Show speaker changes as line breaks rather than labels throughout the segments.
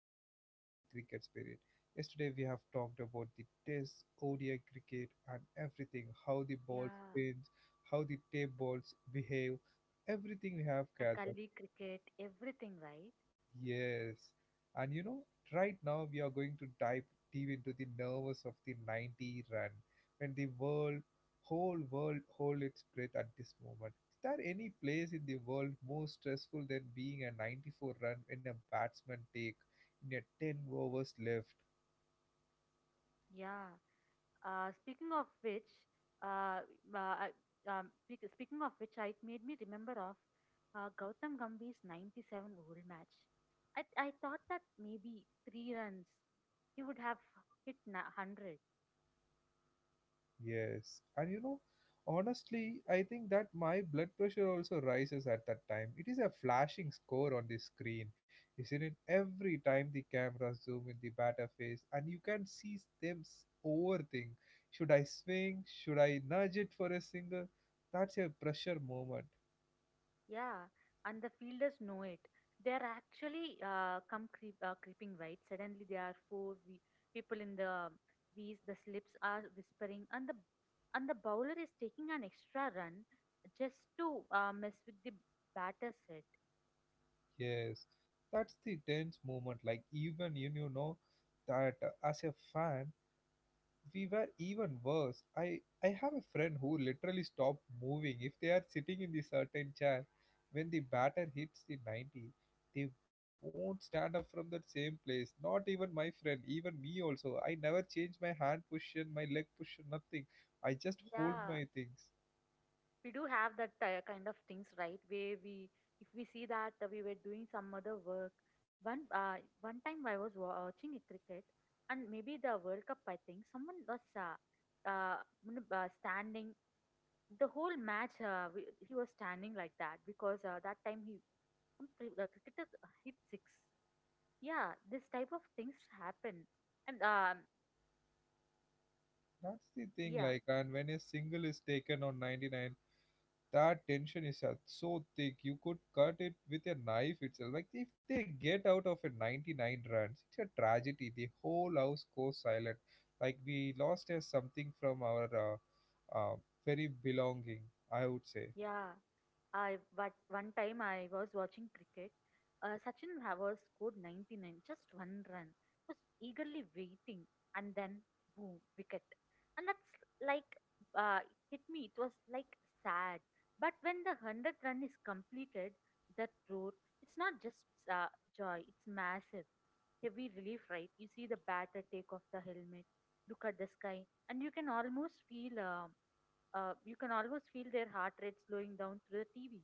next part of the cricket spirit. Yesterday we have talked about the test, ODI cricket and everything, how the ball
Yeah,
spins, how the tape balls behave, everything we have
the
gathered.
Kaldi cricket, everything, right?
Yes. And you know, right now we are going to dive deep into the nerves of the 90 run when the world, whole world, hold its breath at this moment. Is there any place in the world more stressful than being a 94 run when a batsman take in a 10 overs left?
Yeah. Speaking of which, uh, uh, I- it made me remember of Gautam Gambhir's 97 old match. I thought that maybe 3 runs he would have hit 100.
Yes, and you know, honestly, I think that my blood pressure also rises at that time. It is a flashing score on the screen, isn't it? Every time the camera zoom in the batter face, and you can see them overthink. Should I swing? Should I nudge it for a single? That's a pressure moment.
Yeah, and the fielders know it. They are actually creeping, right. Suddenly, there are four people in the V's. The slips are whispering, and the bowler is taking an extra run just to mess with the batter's head.
Yes, that's the tense moment. Like even you, you know that as a fan, we were even worse. I have a friend who literally stop moving if they are sitting in the certain chair. When the batter hits the 90, they won't stand up from that same place. Not even my friend, even me also. I never change my hand position, my leg position, nothing. I just hold
Yeah,
my things.
we do have that kind of things, right, where we if we see that we were doing some other work. One uh, one time I was watching a cricket, and maybe the world cup, I think someone was uh, standing the whole match. He was standing like that because that time, he some cricketer hit six. Yeah, this type of things happen. And
That's the thing,
yeah,
like, and when a single is taken on 99, that tension is so thick you could cut it with a knife itself, like if they get out of a 99 runs it's a tragedy. The whole house goes silent, like we lost something from our uh, very belonging, I would say.
yeah, I but one time I was watching cricket. Sachin Havas scored 99, just one run. Was eagerly waiting, and then boom, wicket. And that's like, uh, it hit me. It was like sad. But when the 100 run is completed, that roar. It's not just uh, joy. It's massive, heavy relief, right? You see the batter take off the helmet, look at the sky, and you can almost feel. You can almost feel their heart rate slowing down through the TV.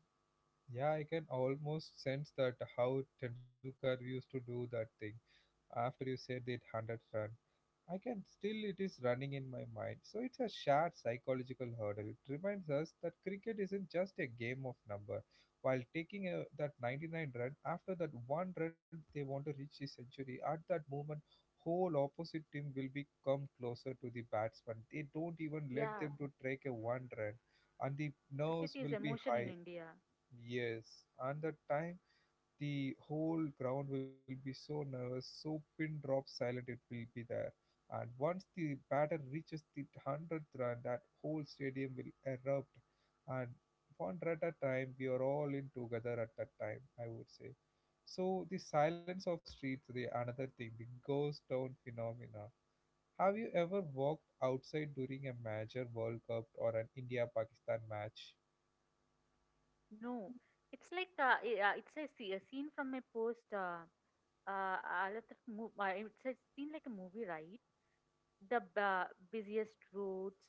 Yeah, I can almost sense that how Tendulkar used to do that thing. After you said that 100 run, I can still it is running in my mind. So it's a shared psychological hurdle. It reminds us that cricket isn't just a game of number. While taking a, that 99 run, after that one run they want to reach the century, at that moment whole opposite team will be come closer to the batsman. They don't even let
Yeah,
them to take a one run, and the
cricket
nerves
is
will be
emotion in
high.
India.
Yes. And the time the whole ground will be so nervous, so pin drop silent it will be there. And once the batter reaches the 100th run, that whole stadium will erupt. And one run at a time, we are all in together at that time, I would say. So the silence of streets, the another thing, the ghost town phenomena. Have you ever walked outside during a major World Cup or an India-Pakistan match?
No, it's a scene from a post. Uh, it's a scene like a movie, right? The busiest roads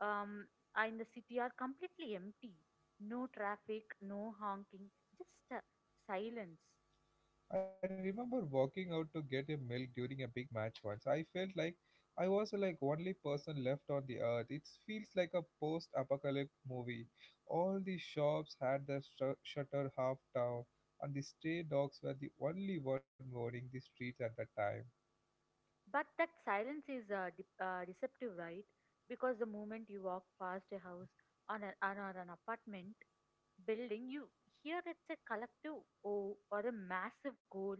um, are in the city are completely empty. No traffic, no honking, just silence.
I remember walking out to get a milk during a big match once. I felt like I was like only person left on the earth. It feels like a post-apocalyptic movie. All the shops had their shutter half down, and the stray dogs were the only one roaming the streets at that time.
But that silence is deceptive, right? Because the moment you walk past a house, on, a, on or an apartment, building, you here it's a collective, o or a massive goal,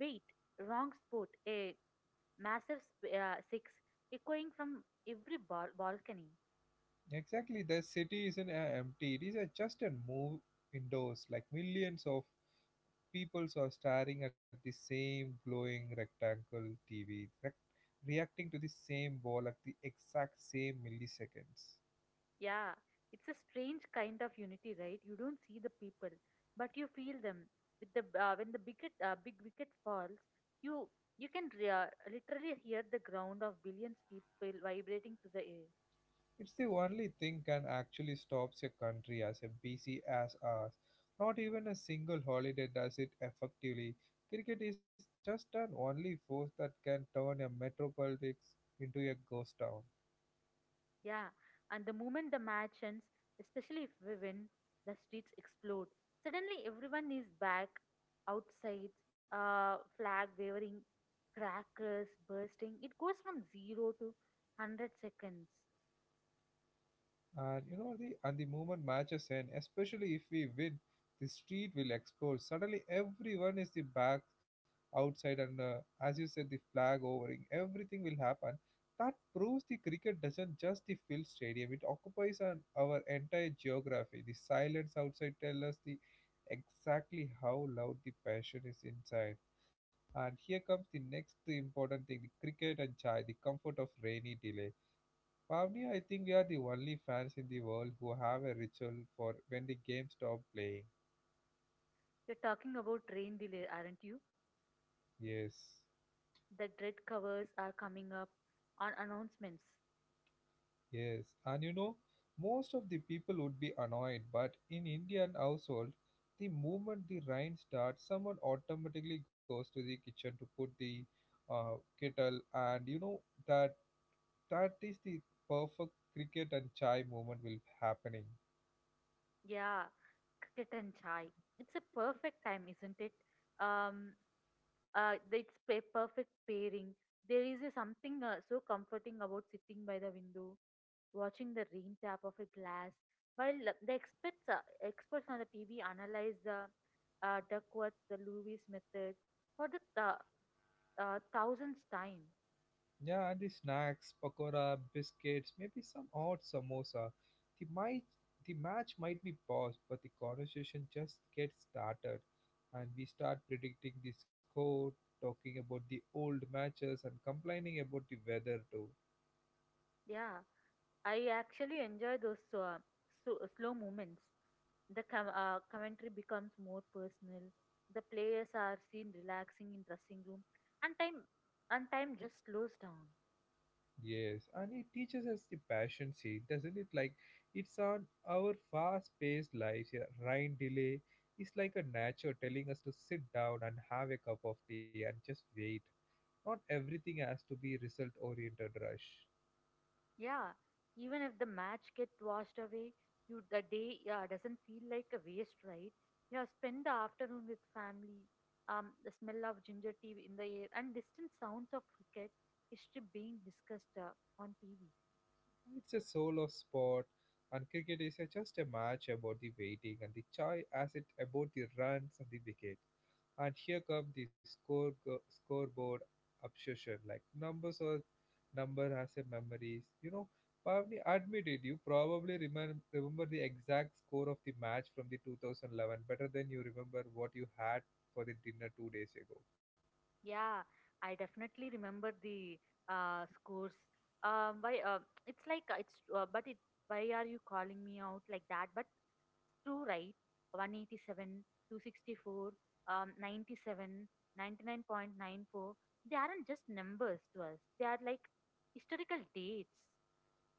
wait, wrong sport, a massive six echoing from every balcony.
Exactly, the city isn't empty. It is just a move indoors, like millions of people are staring at the same glowing rectangle TV, reacting to the same ball at the exact same milliseconds.
Yeah, it's a strange kind of unity, right? You don't see the people, but you feel them. With the when the big big wicket falls, you you can literally hear the ground of billions people vibrating to the air.
It's the only thing can actually stops a country as a busy as ours. Not even a single holiday does it effectively. Cricket is just an only force that can turn a metropolis into a ghost town.
Yeah, and the moment the match ends, especially if we win, the streets explode. Suddenly, everyone is back outside, flag waving, crackers bursting. It goes from zero to 100 seconds.
And you know the, and the moment matches end, especially if we win, the street will explode. Suddenly everyone is the back outside, and as you said, the flag overing everything will happen. That proves the cricket doesn't just the field stadium, it occupies an, our entire geography. The silence outside tells us the exactly how loud the passion is inside. And here comes the next important thing, the cricket and chai, the comfort of rainy delay. Pavnia, I think we are the only fans in the world who have a ritual for when the game stop playing.
You're talking about train delay, aren't you?
Yes,
The dread covers are coming up on announcements.
yes. And you know, most of the people would be annoyed, but in Indian household, the moment the rain starts, someone automatically goes to the kitchen to put the uh, kettle, and you know that that is the perfect cricket and chai moment will happening.
Yeah, cricket and chai. It's a perfect time, isn't it? Um, it's a perfect pairing. There is a something so comforting about sitting by the window, watching the rain tap off a glass, while the experts experts on the TV analyze the Duckworth, the Lewis method for the 1000th time.
Yeah, and the snacks, pakora, biscuits, maybe some odd samosa. The might the match might be paused, but the conversation just gets started, and we start predicting the score, talking about the old matches, and complaining about the weather too.
Yeah, I actually enjoy those so, slow movements. The commentary becomes more personal. The players are seen relaxing in dressing room, and time just slows down.
Yes, and it teaches us the passion, see, doesn't it? Like it's on our fast-paced lives. Yeah, rain delay is like a nature telling us to sit down and have a cup of tea and just wait. Not everything has to be result oriented rush.
Yeah, even if the match gets washed away, you the day yeah doesn't feel like a waste, right? Yeah, spend the afternoon with family. The smell of ginger tea in the air and distant sounds of cricket history being discussed on TV.
It's a soul of sport, and cricket is just a match about the waiting and the joy as it about the runs and the wicket. And here come the scoreboard obsession. Like numbers or number has a memories. You know, Pavni admitted you probably remember the exact score of the match from the 2011 better than you remember what you had for the dinner 2 days ago.
Yeah, I definitely remember the scores. Why? It's like it's. But it. Why are you calling me out like that? But it's true, right? 187, 264, 97, 99.94. They aren't just numbers to us. They are like historical dates.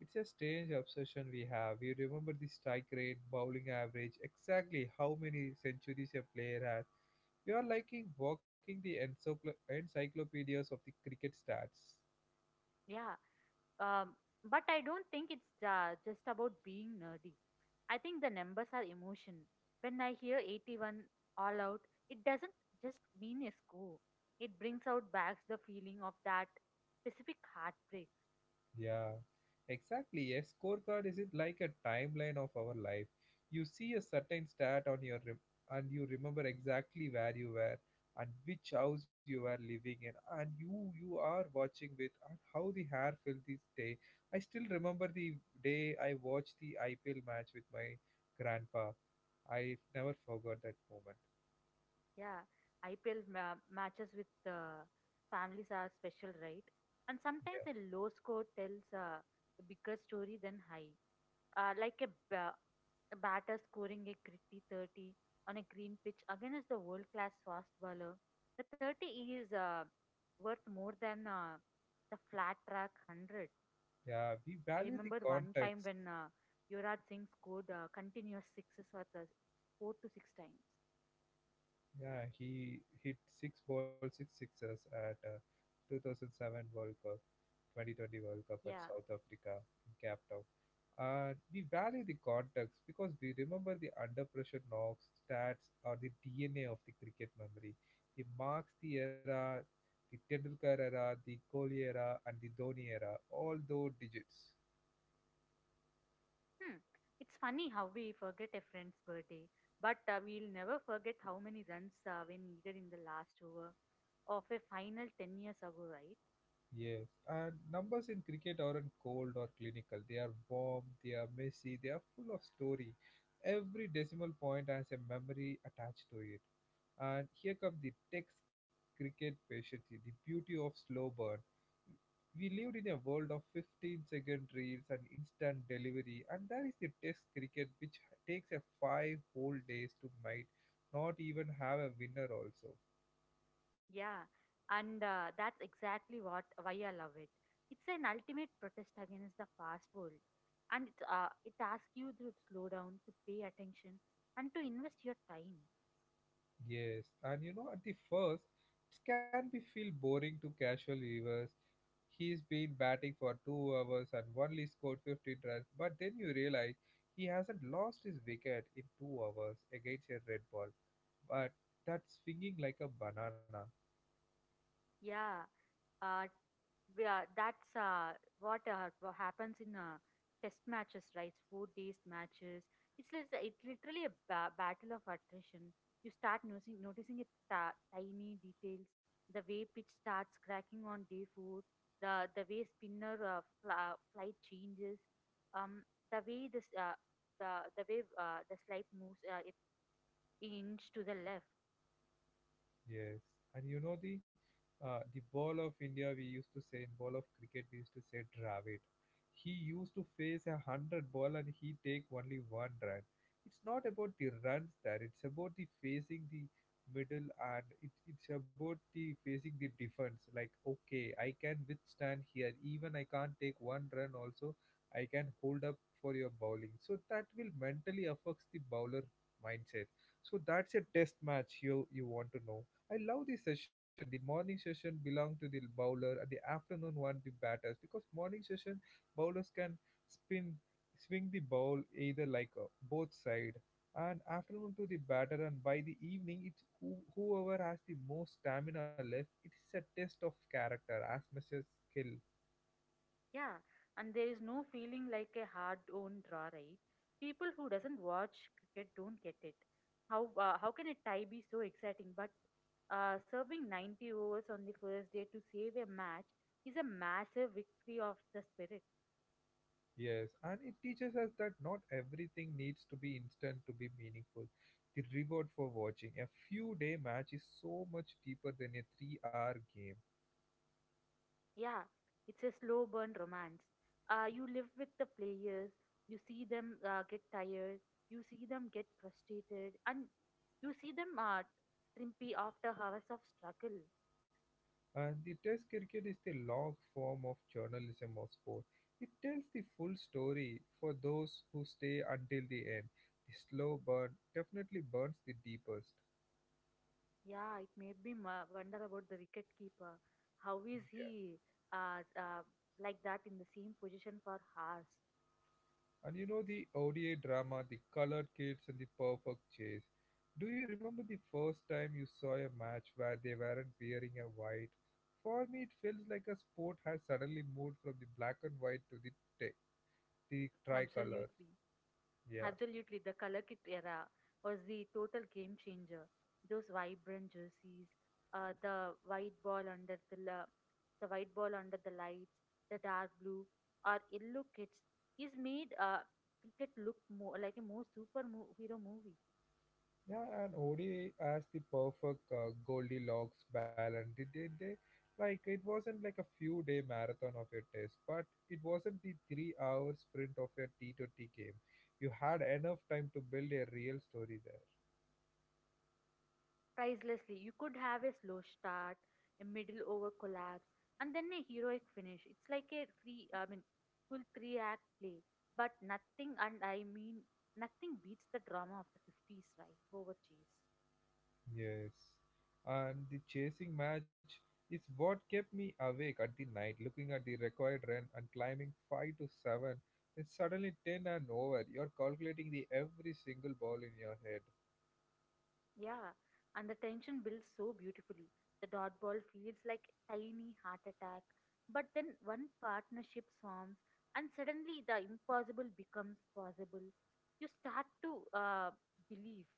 It's a strange obsession we have. We remember the strike rate, bowling average, exactly how many centuries a player has. We are like walking the encyclopedias of the cricket stats.
Yeah. Um, but I don't think it's just about being nerdy. I think the numbers are emotion. When I hear 81 all out, it doesn't just mean a score. It brings out back the feeling of that specific heartbreak.
Yeah, exactly. A scorecard is it like a timeline of our life. You see a certain stat on your and you remember exactly where you were and which house you were living in and who you are watching with and how the hair felt this day. I still remember the day I watched the IPL match with my grandpa. I never forgot that moment.
Yeah, IPL matches with families are special, right? And
Yeah,
sometimes a low score tells a bigger story than high. Like a, a batter scoring a gritty 30 on a green pitch against the world class fast bowler. The 30 is worth more than the flat track 100.
yeah. We
I
value the
remember one time
context.
when Yuvraj Singh scored continuous sixes for the 4 to 6 times.
Yeah, he hit six balls, six sixes at 2007 World Cup, 2020 World Cup at
Yeah.
South Africa in Cape Town. We value the context because we remember the under pressure knocks, stats, or the DNA of the cricket memory. It marks the era, the Tendulkar era, the Kohli era, and the Dhoni era, all those digits.
Hmm. It's funny how we forget a friend's birthday, but we'll never forget how many runs were needed in the last over of a final 10 years ago, right?
Yes, and numbers in cricket aren't cold or clinical. They are warm, they are messy, they are full of story. Every decimal point has a memory attached to it. And here comes the text cricket patience, the beauty of slow burn. We lived in a world of 15-second reels and instant delivery, and that is the test cricket which takes a five whole days to might not even have a winner also.
Yeah, and that's exactly what why I love it. It's an ultimate protest against the fast world, and it asks you to slow down, to pay attention, and to invest your time.
Yes, and you know, at the first, it can be feel boring to casual viewers. He's been batting for 2 hours and only scored 15 runs, but then you realize he hasn't lost his wicket in 2 hours against a red ball, but that's swinging like a banana.
Yeah, Uh, we are, that's what happens in test matches, right? Four-days matches. It's literally a battle of attrition. You start noticing it tiny details, the way pitch starts cracking on day four, the way spinner flight changes, um, the way this the way the slide moves, it inch to the left.
Yes, and you know the ball of India we used to say, in ball of cricket we used to say Dravid. He used to face a hundred ball and he take only one run. It's not about the runs there. It's about the facing the middle, and it's about the facing the defense. Like okay, I can withstand here. Even I can't take one run. Also, I can hold up for your bowling. So that will mentally affects the bowler mindset. So that's a test match you want to know. I love the session. The morning session belong to the bowler, and the afternoon one the batters. Because morning session bowlers can spin swing the ball either like both side, and afternoon to the batter. And by the evening, it's whoever has the most stamina left. It is a test of character as much as skill.
Yeah, and there is no feeling like a hard-won draw, right? People who doesn't watch cricket don't get it. How can a tie be so exciting? But serving 90 overs on the first day to save a match is a massive victory of the spirit.
Yes, and it teaches us that not everything needs to be instant to be meaningful. The reward for watching a few day match is so much deeper than a 3 hour game.
Yeah, it's a slow burn romance. You live with the players, you see them get tired, you see them get frustrated, and you see them trimpy after hours of struggle.
And the test cricket is the long form of journalism of sport. It tells the full story for those who stay until the end. The slow burn definitely burns the deepest.
Yeah, it made me wonder about the wicket keeper. How is
Yeah.
he uh, uh, like that in the same position for hours?
And you know the ODA drama, the colored kids and the perfect chase. Do you remember the first time you saw a match where they weren't wearing a white? For me, it feels like a sport has suddenly moved from the black and white to t- the tricolor.
Absolutely.
Yeah.
Absolutely. The color kit era was the total game changer. Those vibrant jerseys, uh, the white ball under the la- the white ball under the lights, the dark blue or yellow kits is made cricket look more like a more superhero movie.
Yeah, and ODI as the perfect Goldilocks balance. They like it wasn't like a few day marathon of a test, but it wasn't the 3 hour sprint of a T20 game. You had enough time to build a real story there.
Pricelessly. You could have a slow start, a middle over collapse, and then a heroic finish. It's like a three, I mean, full three act play. But nothing, and I mean, nothing beats the drama of the 50s, right? Over cheese.
Yes, and the chasing match is what kept me awake at the night, looking at the required run and climbing 5 to 7. It's suddenly 10 and over. You're calculating the every single ball in your head.
Yeah. And the tension builds so beautifully. The dot ball feels like a tiny heart attack. But then one partnership forms, and suddenly the impossible becomes possible. You start to believe.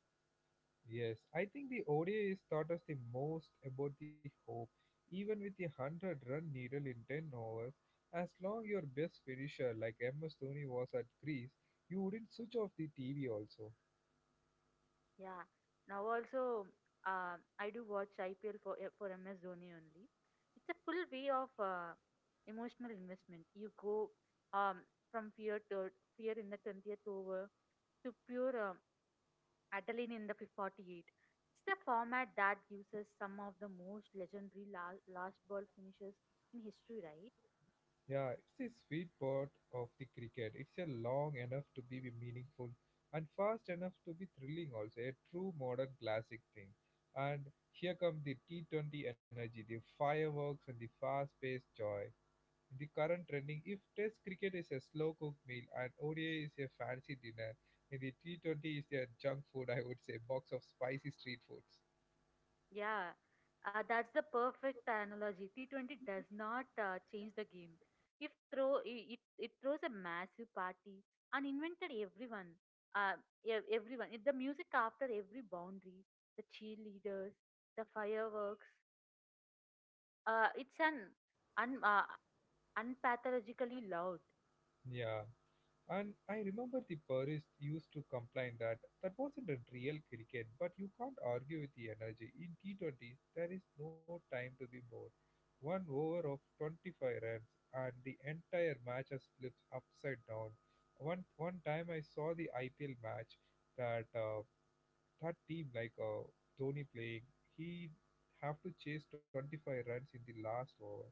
Yes, I think the ODI taught us the most about the hope. Even with the 100 run needle in 10 overs, as long your best finisher like MS Dhoni was at crease, you wouldn't switch off the TV also.
Yeah. Now also, I do watch IPL for MS Dhoni only. It's a full way of emotional investment. You go um, from fear to fear in the 20th over to pure adrenaline in the 48. It's the format that gives us some of the most legendary last ball finishes in history, right?
Yeah, it's the sweet part of the cricket. It's a long enough to be meaningful and fast enough to be thrilling also, a true modern classic thing. And here come the T20 energy, the fireworks and the fast-paced joy. The current trending. If Test cricket is a slow cook meal and ODI is a fancy dinner, and the T20 is their junk food, I would say, box of spicy street foods.
Yeah, that's the perfect analogy. T20 does not change the game. If throw it, it throws a massive party and invented everyone, uh, everyone. The music after every boundary, the cheerleaders, the fireworks. It's an un unpathologically loud.
Yeah, and I remember the purists used to complain that wasn't a real cricket, but you can't argue with the energy. In T20, there is no time to be bored. One over of 25 runs, and the entire match has flipped upside down. One time I saw the IPL match that uh, that team like Dhoni playing, he have to chase 25 runs in the last over.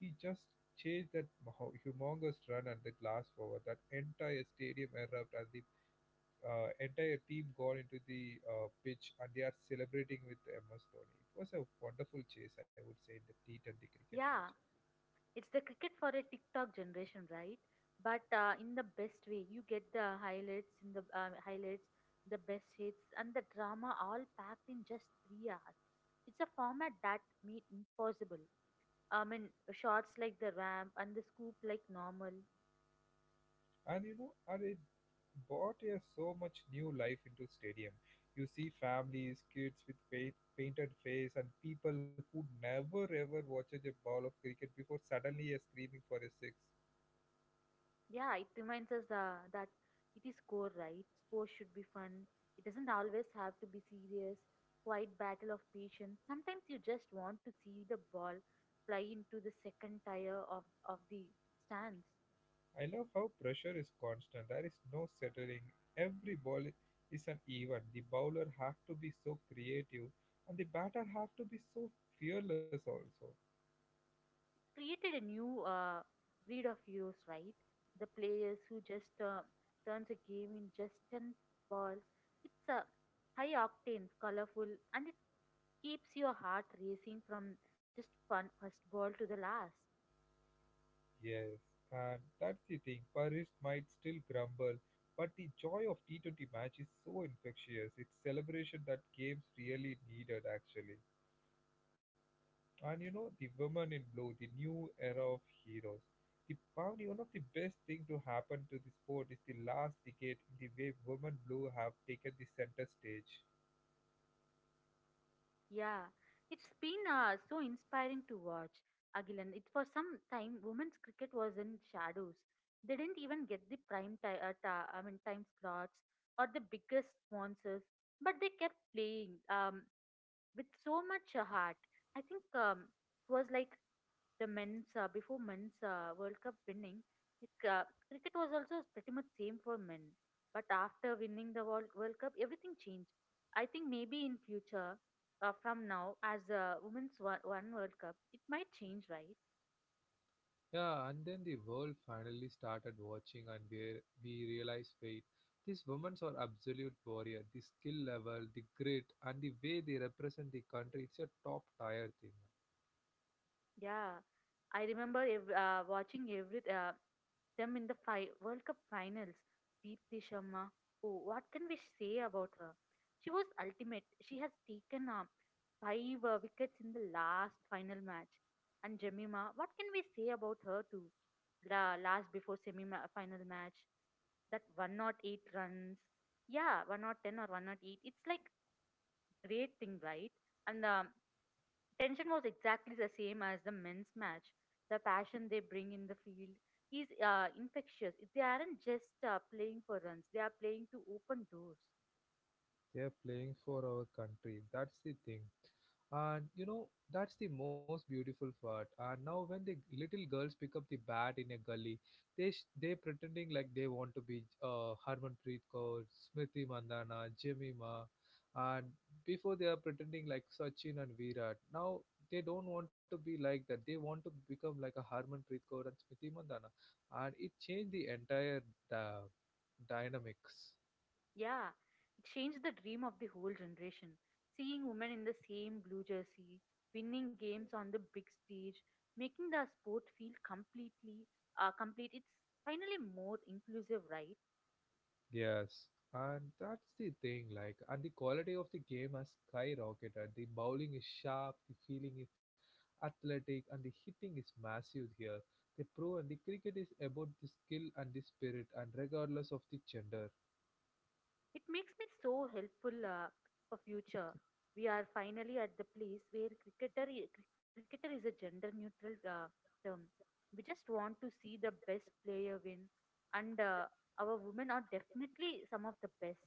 He just chased that humongous run at that last over. That entire stadium erupted and the entire team gone into the pitch and they are celebrating with MS Dhoni. It was a wonderful chase, I would say, in the T20 cricket match.
Yeah, it's the cricket for a TikTok generation, right? But in the best way, you get the highlights in the the best hits, and the drama all packed in just 3 hours. It's a format that made impossible. I mean, shots like the ramp and the scoop like normal.
And you know, and it brought a so much new life into stadium. You see families, kids with faith, painted face, and people who never ever watches a ball of cricket before suddenly are screaming for a 6.
Yeah, it reminds us that it is core, right? Sports should be fun. It doesn't always have to be serious. Quiet battle of patience. Sometimes you just want to see the ball fly into the second tire of the stands.
I love how pressure is constant. There is no settling. Every ball is an event. The bowler have to be so creative and the batter have to be so fearless also.
Created a new breed of heroes, right? The players who just turns a game in just 10 balls. It's a high octane, colorful, and it keeps your heart racing from just fun first ball to the last.
Yes, and that's the thing. Paris might still grumble, but the joy of T20 match is so infectious. It's celebration that games really needed, actually. And you know, the women in blue, the new era of heroes. The probably one of the best thing to happen to the sport is the last decade in the way women blue have taken the center stage.
Yeah, it's been so inspiring to watch, Agilan. It for some time women's cricket was in shadows. They didn't even get the prime time, I mean, time slots or the biggest sponsors, but they kept playing. With so much heart. I think it was like the men's before men's World Cup winning, it, uh, cricket was also pretty much same for men. But after winning the World Cup, everything changed. I think maybe in future, from now, as women's one World Cup, it might change, right?
Yeah, and then the world finally started watching, and we realized wait, these women are absolute warrior. The skill level, the grit, and the way they represent the country, it's a top tier thing.
Yeah, I remember watching every them in the World Cup finals. Deepthi Sharma, oh, what can we say about her? She was ultimate. She has taken 5 wickets in the last final match. And Jemima, what can we say about her too? Last before semi final match, that one not eight runs. Yeah, one not ten or one not eight. It's like great thing, right? And Tension was exactly the same as the men's match. The passion they bring in the field is infectious. They aren't just playing for runs, they are playing to open doors.
They're playing for our country. That's the thing. And you know, that's the most beautiful part. And now when the little girls pick up the bat in a gully, they pretending like they want to be Harmanpreet Kaur, Smriti Mandana, Jimmy Ma, and before they are pretending like Sachin and Virat. Now they don't want to be like that. They want to become like a Harmanpreet Kaur and Smriti Mandana, and it changed the entire uh, dynamics.
Yeah, it changed the dream of the whole generation. Seeing women in the same blue jersey, winning games on the big stage, making the sport feel completely complete. It's finally more inclusive, right?
Yes, and that's the thing, like, and the quality of the game has skyrocketed. The bowling is sharp, the feeling is athletic, and the hitting is massive here. They prove and the cricket is about the skill and the spirit, and regardless of the gender.
It makes me so helpful for future. We are finally at the place where cricketer is a gender neutral term. We just want to see the best player win, and our women are definitely some of the best.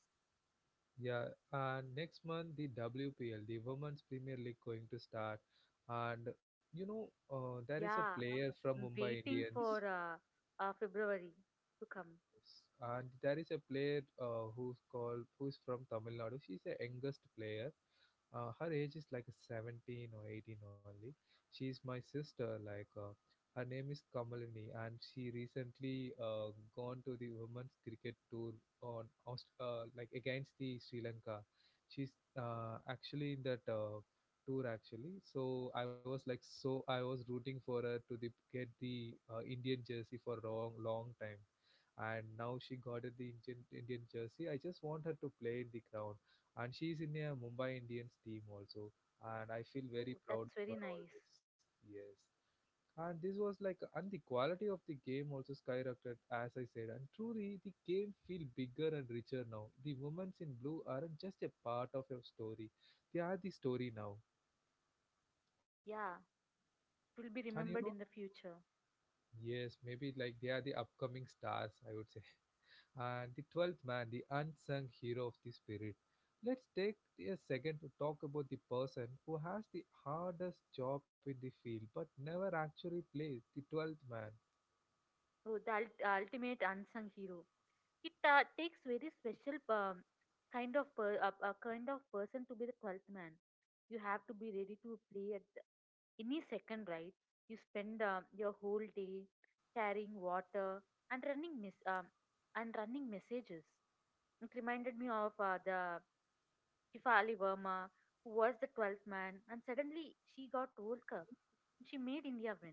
Yeah, and next month the WPL, the Women's Premier League, going to start, and there is a
Yeah,
player from
I'm
Mumbai
waiting
Indians.
for February to come.
And there is a player who's from Tamil Nadu. She's the youngest player. Her age is like 17 or 18 only. She's my sister. Her name is Kamalini, and she recently gone to the women's cricket tour on like against the Sri Lanka. She's actually in that tour actually. So I was rooting for her to get the Indian jersey for long long time and now she got it the Indian jersey. I just want her to play in the ground, and she's in a Mumbai Indians team also, and I feel
Oh,
very
that's
proud
very
for her
nice.
always. Yes, and this was like, and the quality of the game also skyrocketed, as I said, and truly the game feel bigger and richer now. The moments in blue aren't just a part of your story; they are the story now,
Yeah, it will be
and you
remembered
know,
in the future.
yes, maybe like they are the upcoming stars. I would say. And the 12th man, the unsung hero of the spirit. Let's take a second to talk about the person who has the hardest job in the field but never actually plays the 12th man.
Oh, the ultimate unsung hero. It takes very special kind of per, a kind of person to be the twelfth man. You have to be ready to play at any second, right? You spend your whole day carrying water and running and running messages. It reminded me of the Hifali Verma, who was the 12th man, and suddenly she got World Cup. She made India win.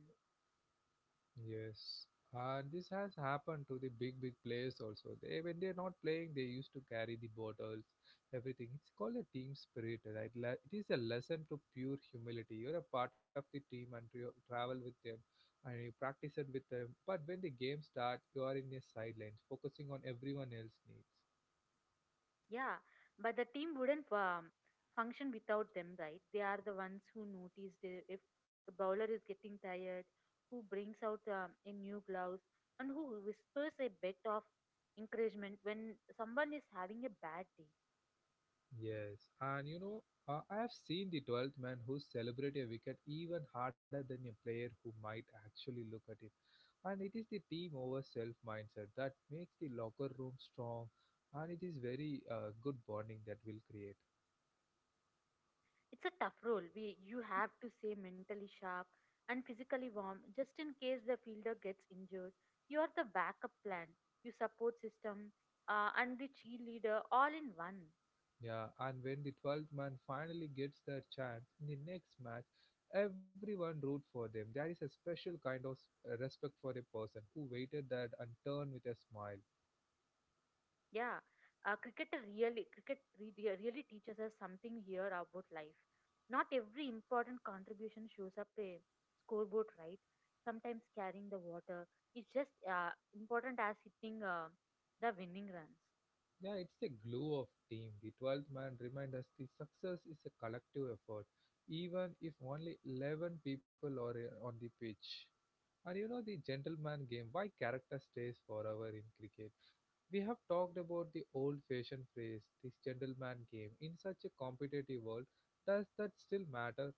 Yes, and this has happened to the big, big players also. They, when they're not playing, they used to carry the bottles, everything. It's called a team spirit, right? It is a lesson to pure humility. You're a part of the team and you travel with them, and you practice it with them. But when the game starts, you are in the sidelines, focusing on everyone else's needs.
Yeah, but the team wouldn't function without them, right? They are the ones who notice the, if the bowler is getting tired, who brings out a new gloves, and who whispers a bit of encouragement when someone is having a bad day.
Yes, and I have seen the 12th man who celebrate a wicket even harder than a player who might actually look at it. And it is the team over self mindset that makes the locker room strong, and it is very good bonding that will create.
It's a tough role. We You have to stay mentally sharp and physically warm, just in case the fielder gets injured. You are the backup plan, your support system, and the cheerleader all in one.
Yeah, and when the 12th man finally gets their chance in the next match, everyone root for them. There is a special kind of respect for a person who waited that and turned with a smile.
Yeah, cricket really teaches us something here about life. Not every important contribution shows up a scoreboard, right? Sometimes carrying the water is just important as hitting the winning runs.
Yeah, it's the glue of team. The 12th man reminds us the success is a collective effort, even if only 11 people are on the pitch. And you know the gentleman game, why character stays forever in cricket. We have talked about the old-fashioned phrase, this gentleman game. In such a competitive world, does that still matter?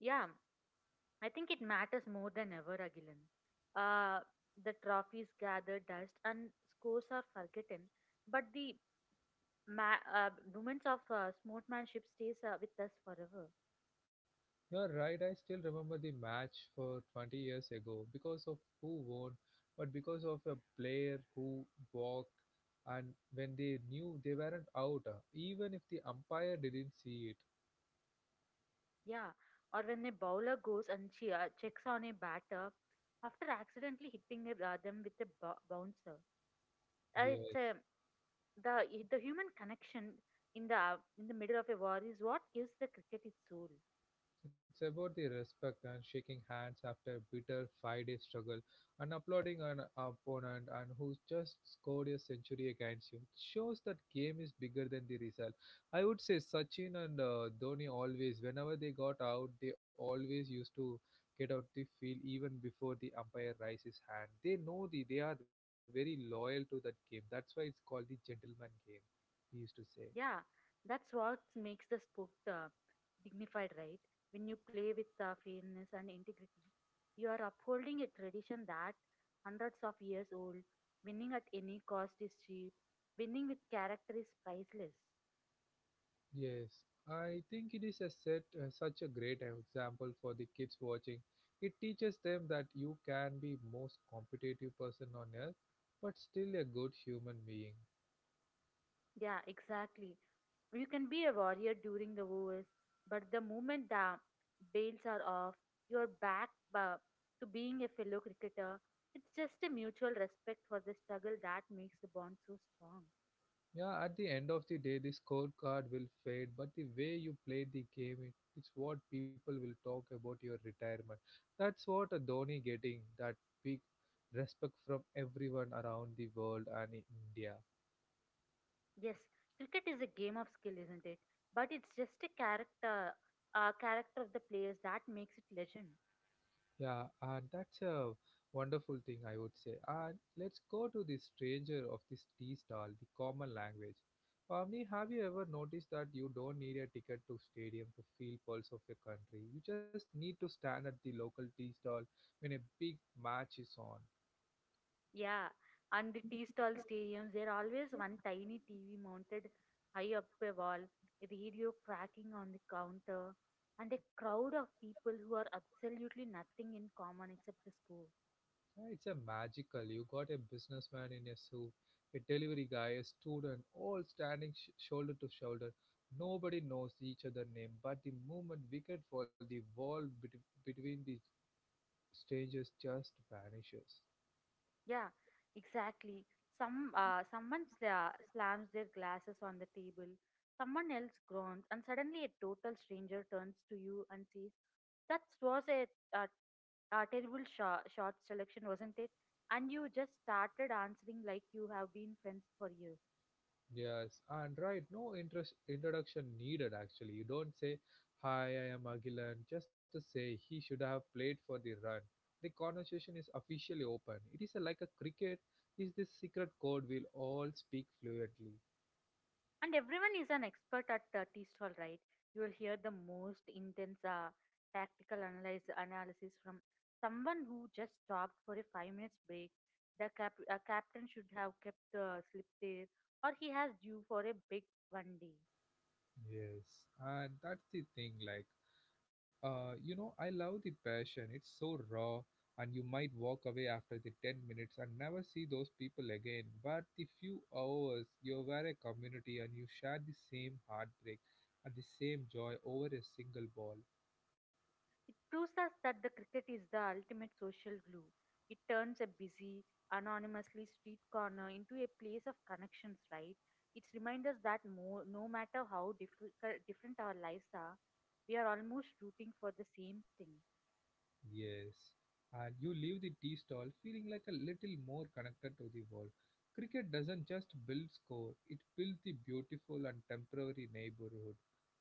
Yeah, I think it matters more than ever, Agilan. Uh, the trophies gather dust and scores are forgotten, but the moments of sportsmanship stays with us forever.
You're right, I still remember the match for 20 years ago because of who won, but because of a player who walked, and when they knew they weren't out, even if the umpire didn't see it.
Yeah, or when a bowler goes and she checks on a batter after accidentally hitting them with a bouncer. It's
Yes,
the the human connection in the middle of a war is what gives the cricket its soul.
it's about the respect and shaking hands after a bitter 5-day struggle and applauding an opponent and who just scored a century against you. It shows that game is bigger than the result. I would say Sachin and Dhoni always, whenever they got out, they always used to get out the field even before the umpire raises hand. They know the they are very loyal to that game. That's why it's called the gentleman game. We used to say.
Yeah, that's what makes the sport dignified, right? When you play with fairness and integrity, you are upholding a tradition that hundreds of years old. Winning at any cost is cheap. Winning with character is priceless.
Yes, I think it is a set, such a great example for the kids watching. It teaches them that you can be most competitive person on earth, but still a good human being.
Yeah, exactly. You can be a warrior during the wars, but the moment the bails are off, you're back to being a fellow cricketer. It's just a mutual respect for the struggle that makes the bond so strong.
Yeah, at the end of the day, the scorecard will fade, but the way you played the game, it's what people will talk about your retirement. That's what a Dhoni getting that big respect from everyone around the world and in India.
Yes, cricket is a game of skill, isn't it? But it's just a character of the players that makes it legend.
Yeah, and that's a wonderful thing, I would say. And let's go to the stranger of this tea stall, the common language. Pavni, have you ever noticed that you don't need a ticket to stadium to feel pulse of your country? You just need to stand at the local tea stall when a big match is on.
Yeah, and the tea stall stadiums, there always one tiny TV mounted high up a wall, a radio cracking on the counter, and a crowd of people who are absolutely nothing in common except the school.
It's a magical. You got a businessman in a suit, a delivery guy, a student, all standing shoulder to shoulder. Nobody knows each other' name, but the moment wicket falls, the between the strangers just vanishes.
Yeah, exactly. Someone slams their glasses on the table. Someone else groans, and suddenly a total stranger turns to you and says, "That was a, a terrible shot selection, wasn't it?" And you just started answering like you have been friends for years.
Yes, and right, no interest introduction needed. Actually, you don't say, "Hi, I am Agilan," just to say he should have played for the run. The conversation is officially open. It is a, like a cricket is this secret code we'll all speak fluently.
And everyone is an expert at tea stall, right? You will hear the most intense tactical analysis from someone who just stopped for a 5 minutes break. The captain should have kept the slip there, or he has due for a big one day.
Yes, and that's the thing. Like, you know, I love the passion. It's so raw, and you might walk away after the 10 minutes and never see those people again. But the few hours you were a community and you shared the same heartbreak and the same joy over a single ball.
It proves us that the cricket is the ultimate social glue. It turns a busy, anonymously street corner into a place of connections, right? It's reminds us that no matter how different our lives are, we are almost rooting for the same thing.
Yes, and you leave the tea stall feeling like a little more connected to the world. Cricket doesn't just build score, it builds the beautiful and temporary neighborhood,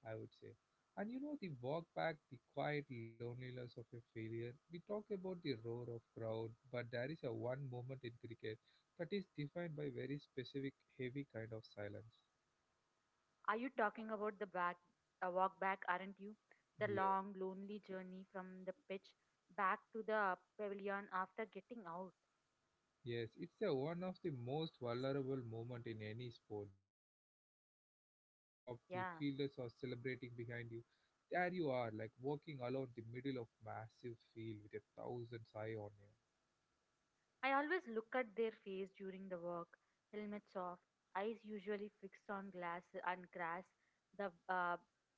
I would say. And you know, the walk back, the quiet loneliness of a failure. We talk about the roar of crowd, but there is a one moment in cricket that is defined by very specific, heavy kind of silence.
Are you talking about the walk back, aren't you? The
Yeah.
long, lonely journey from the pitch back to the pavilion after getting out.
Yes, it's a, one of the most vulnerable moment in any sport. The cheer have stopped, the fielders are
Yeah.
celebrating behind you. There you are, like walking alone the middle of massive field with a thousand's eye on you.
I always look at their face during the walk, helmets off, eyes usually fixed on glass and grass, the uh,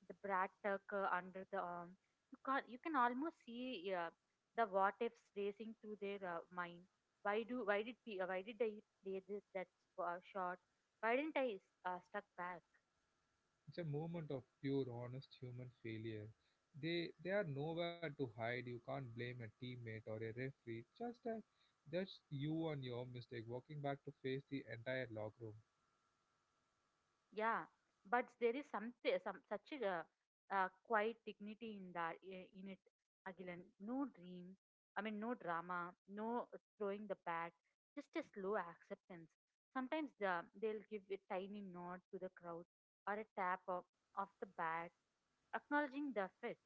the brat tuck under the arm. You can almost see the what ifs racing through their mind. Why do why did pe- Why did I play this, that shot? Why didn't I stuck back?
It's a moment of pure, honest human failure. They are nowhere to hide. You can't blame a teammate or a referee. Just you and your mistake, walking back to face the entire locker room.
Yeah, but there is something, some such a quiet dignity in that I- in it. Again, no dream. I mean, no drama, no throwing the bat, just a slow acceptance. Sometimes the, they'll give a tiny nod to the crowd or a tap of the bat, acknowledging the effort.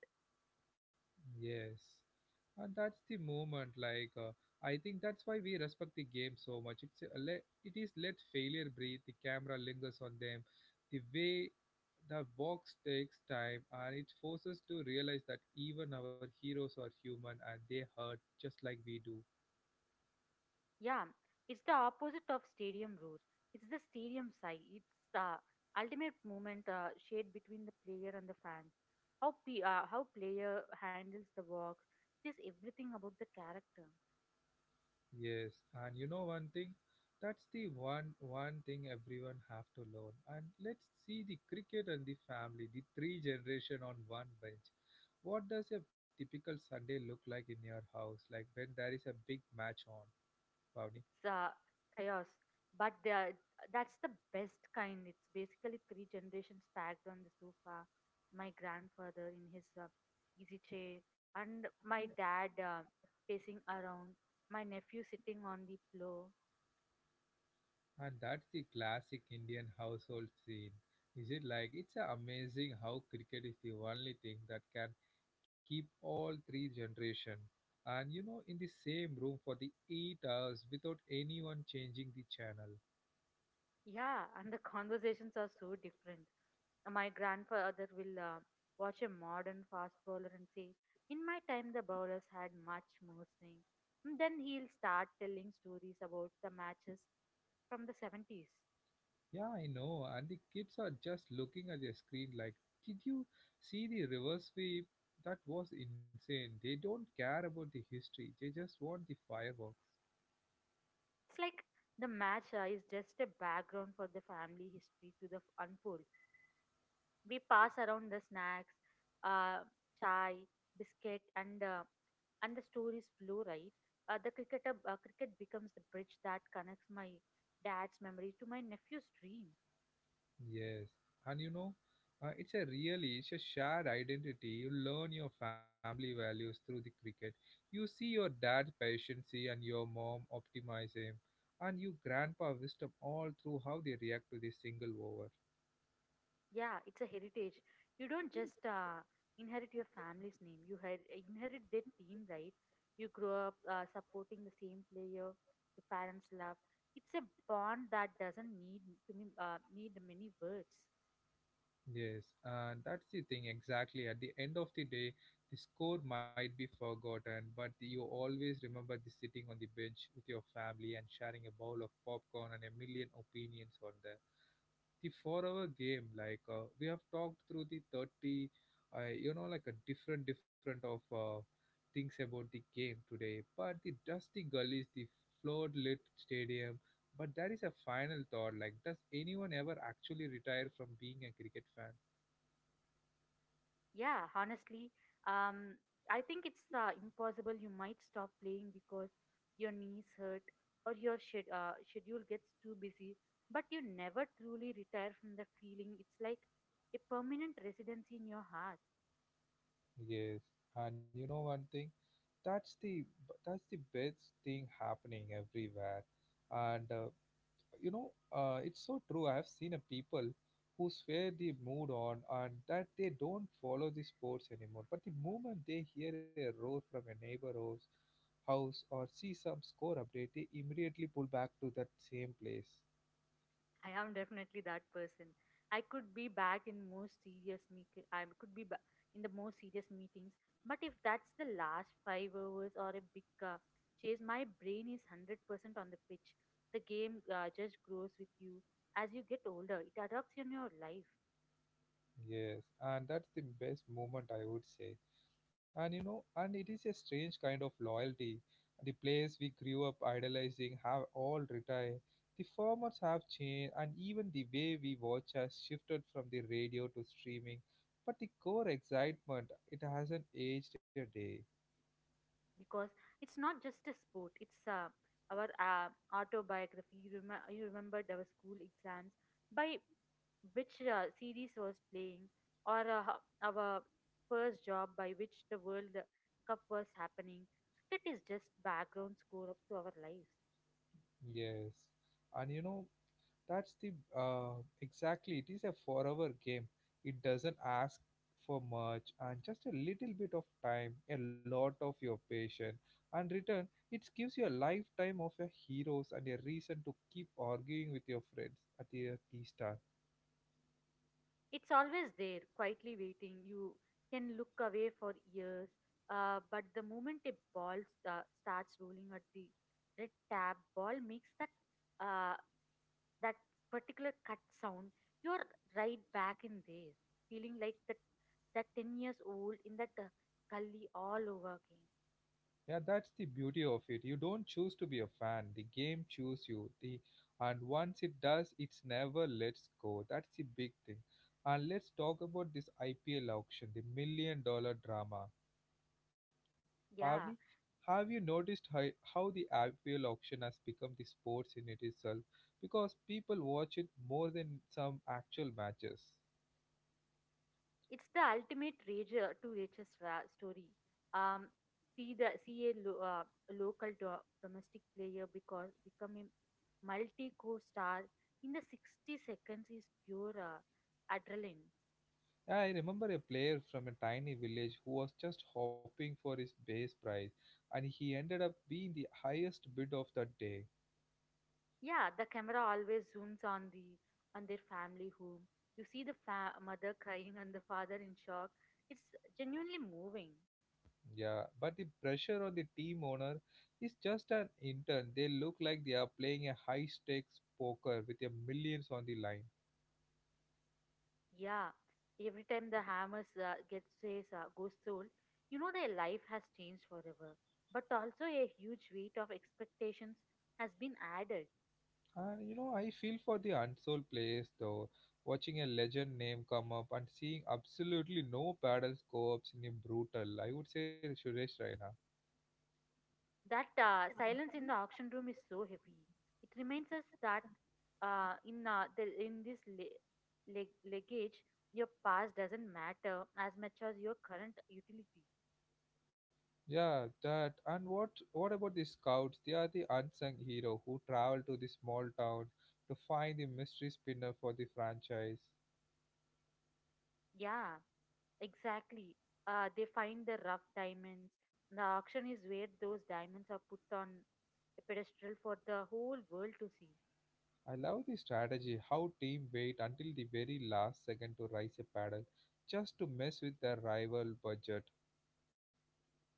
Yes. And that's the moment. I think that's why we respect the game so much. It is let failure breathe. The camera lingers on them. The way the box takes time, and it forces to realize that even our heroes are human and they hurt just like we do.
Yeah, it's the opposite of stadium roar. It's the stadium sigh. It's the ultimate moment shared between the player and the fans. How player handles the work. It is everything about the character.
Yes, and you know one thing, that's the one thing everyone have to learn. And let's see the cricket and the family, the 3 generation on one bench. What does a typical Sunday look like in your house? Like when there is a big match on, Pavni?
It's chaos, but that's the best kind. It's basically three generations packed on the sofa. My grandfather in his easy chair, and my dad pacing around. My nephew sitting on the floor.
And that's the classic Indian household scene. Is it like it's a amazing how cricket is the only thing that can keep all 3 generation and you know in the same room for the 8 hours without anyone changing the channel.
Yeah, and the conversations are so different. My grandfather will watch a modern fast bowler and say, "In my time, the bowlers had much more swing." And then he'll start telling stories about the matches from the 70s.
Yeah, I know. And the kids are just looking at their screen like, did you see the reverse sweep? That was insane. They don't care about the history. They just want the fireworks.
It's like the match is just a background for the family history to the unfold. We pass around the snacks, uh, chai, biscuit, and the stories flow right. The cricket Cricket becomes the bridge that connects my dad's memory to my nephew's dream.
Yes, and you know, it's a really it's a shared identity. You learn your family values through the cricket. You see your dad's patience and your mom optimism, and your grandpa wisdom all through how they react to the single over.
Yeah, it's a heritage. You don't just inherit your family's name; you inherit their team, right? You grow up supporting the same player your parents love. It's a bond that doesn't need to need many words.
Yes, and that's the thing exactly. At the end of the day, the score might be forgotten, but you always remember the sitting on the bench with your family and sharing a bowl of popcorn and a million opinions on that the four-hour game. We have talked through the 30, you know, like a different of things about the game today. But the dusty gullies, the flood-lit stadium. But that is a final thought. Like, does anyone ever actually retire from being a cricket fan?
Yeah, honestly, um, I think it's impossible. You might stop playing because your knees hurt or your schedule gets too busy, but you never truly retire from the feeling. It's like a permanent residency in your heart.
Yes, and you know one thing, that's the that's the best thing happening everywhere, and you know, it's so true. I have seen a people who swear the mood on and that they don't follow the sports anymore. But the moment they hear a roar from a neighbor house, house or see some score update, they immediately pull back to that same place.
I am definitely that person. I could be in the most serious meetings, but if that's the last five overs or a big chase, my brain is 100% on the pitch. The game just grows with you as you get older. It adapts in your life
Yes, and that's the best moment I would say. And you know, and it is a strange kind of loyalty. The place we grew up idolizing have all retired, the formats have changed, and even the way we watch has shifted from the radio to streaming, but the core excitement, it hasn't aged a day.
because it's not just a sport. It's our autobiography. You you remembered our school exams by which series was playing, or our first job by which the World Cup was happening. Cricket is just background score up to our lives.
Yes, and you know, that's the exactly. It is a forever game. It doesn't ask for much, and just a little bit of time, a lot of your patience, and return. It gives you a lifetime of your heroes and a reason to keep arguing with your friends at the tea star.
It's always there, quietly waiting. You can look away for years, but the moment a ball starts rolling at the red tab, ball makes uh, that particular cut sound. You're right back in there, feeling like that 10 years old in that gully all over again.
Yeah, that's the beauty of it. You don't choose to be a fan. The game chooses you. The and once it does, it's never lets go. That's the big thing. And let's talk about this IPL auction, the million dollar drama. Pavni,
Yeah.
have you noticed how the IPL auction has become the sports in it itself? Because people watch it more than some actual matches.
It's the ultimate rager to riches story. Um, see the see a lo- Local domestic player because becoming multi core star in the 60 seconds is pure adrenaline.
Yeah, I remember a player from a tiny village who was just hoping for his base price, and he ended up being the highest bid of that day.
Yeah, the camera always zooms on their family home. You see the mother crying and the father in shock. It's genuinely moving.
Yeah, but the pressure on the team owner is just an intern. They look like they are playing a high stakes poker with a millions on the line.
Yeah, every time the hammers gets says goes sold, you know their life has changed forever. But also a huge weight of expectations has been added.
And you know, I feel for the unsold players though. Watching a legend name come up and seeing absolutely no paddle scopes in a brutal. I would say Suresh Raina.
That silence in the auction room is so heavy. It reminds us that in this luggage, your past doesn't matter as much as your current utility.
Yeah, that. And what about the scouts? They are the unsung hero who travel to the small town to find the mystery spinner for the franchise.
Yeah. Exactly. They find the rough diamonds. The auction is where those diamonds are put on a pedestal for the whole world to see.
I love the strategy how team wait until the very last second to raise a paddle just to mess with their rival budget.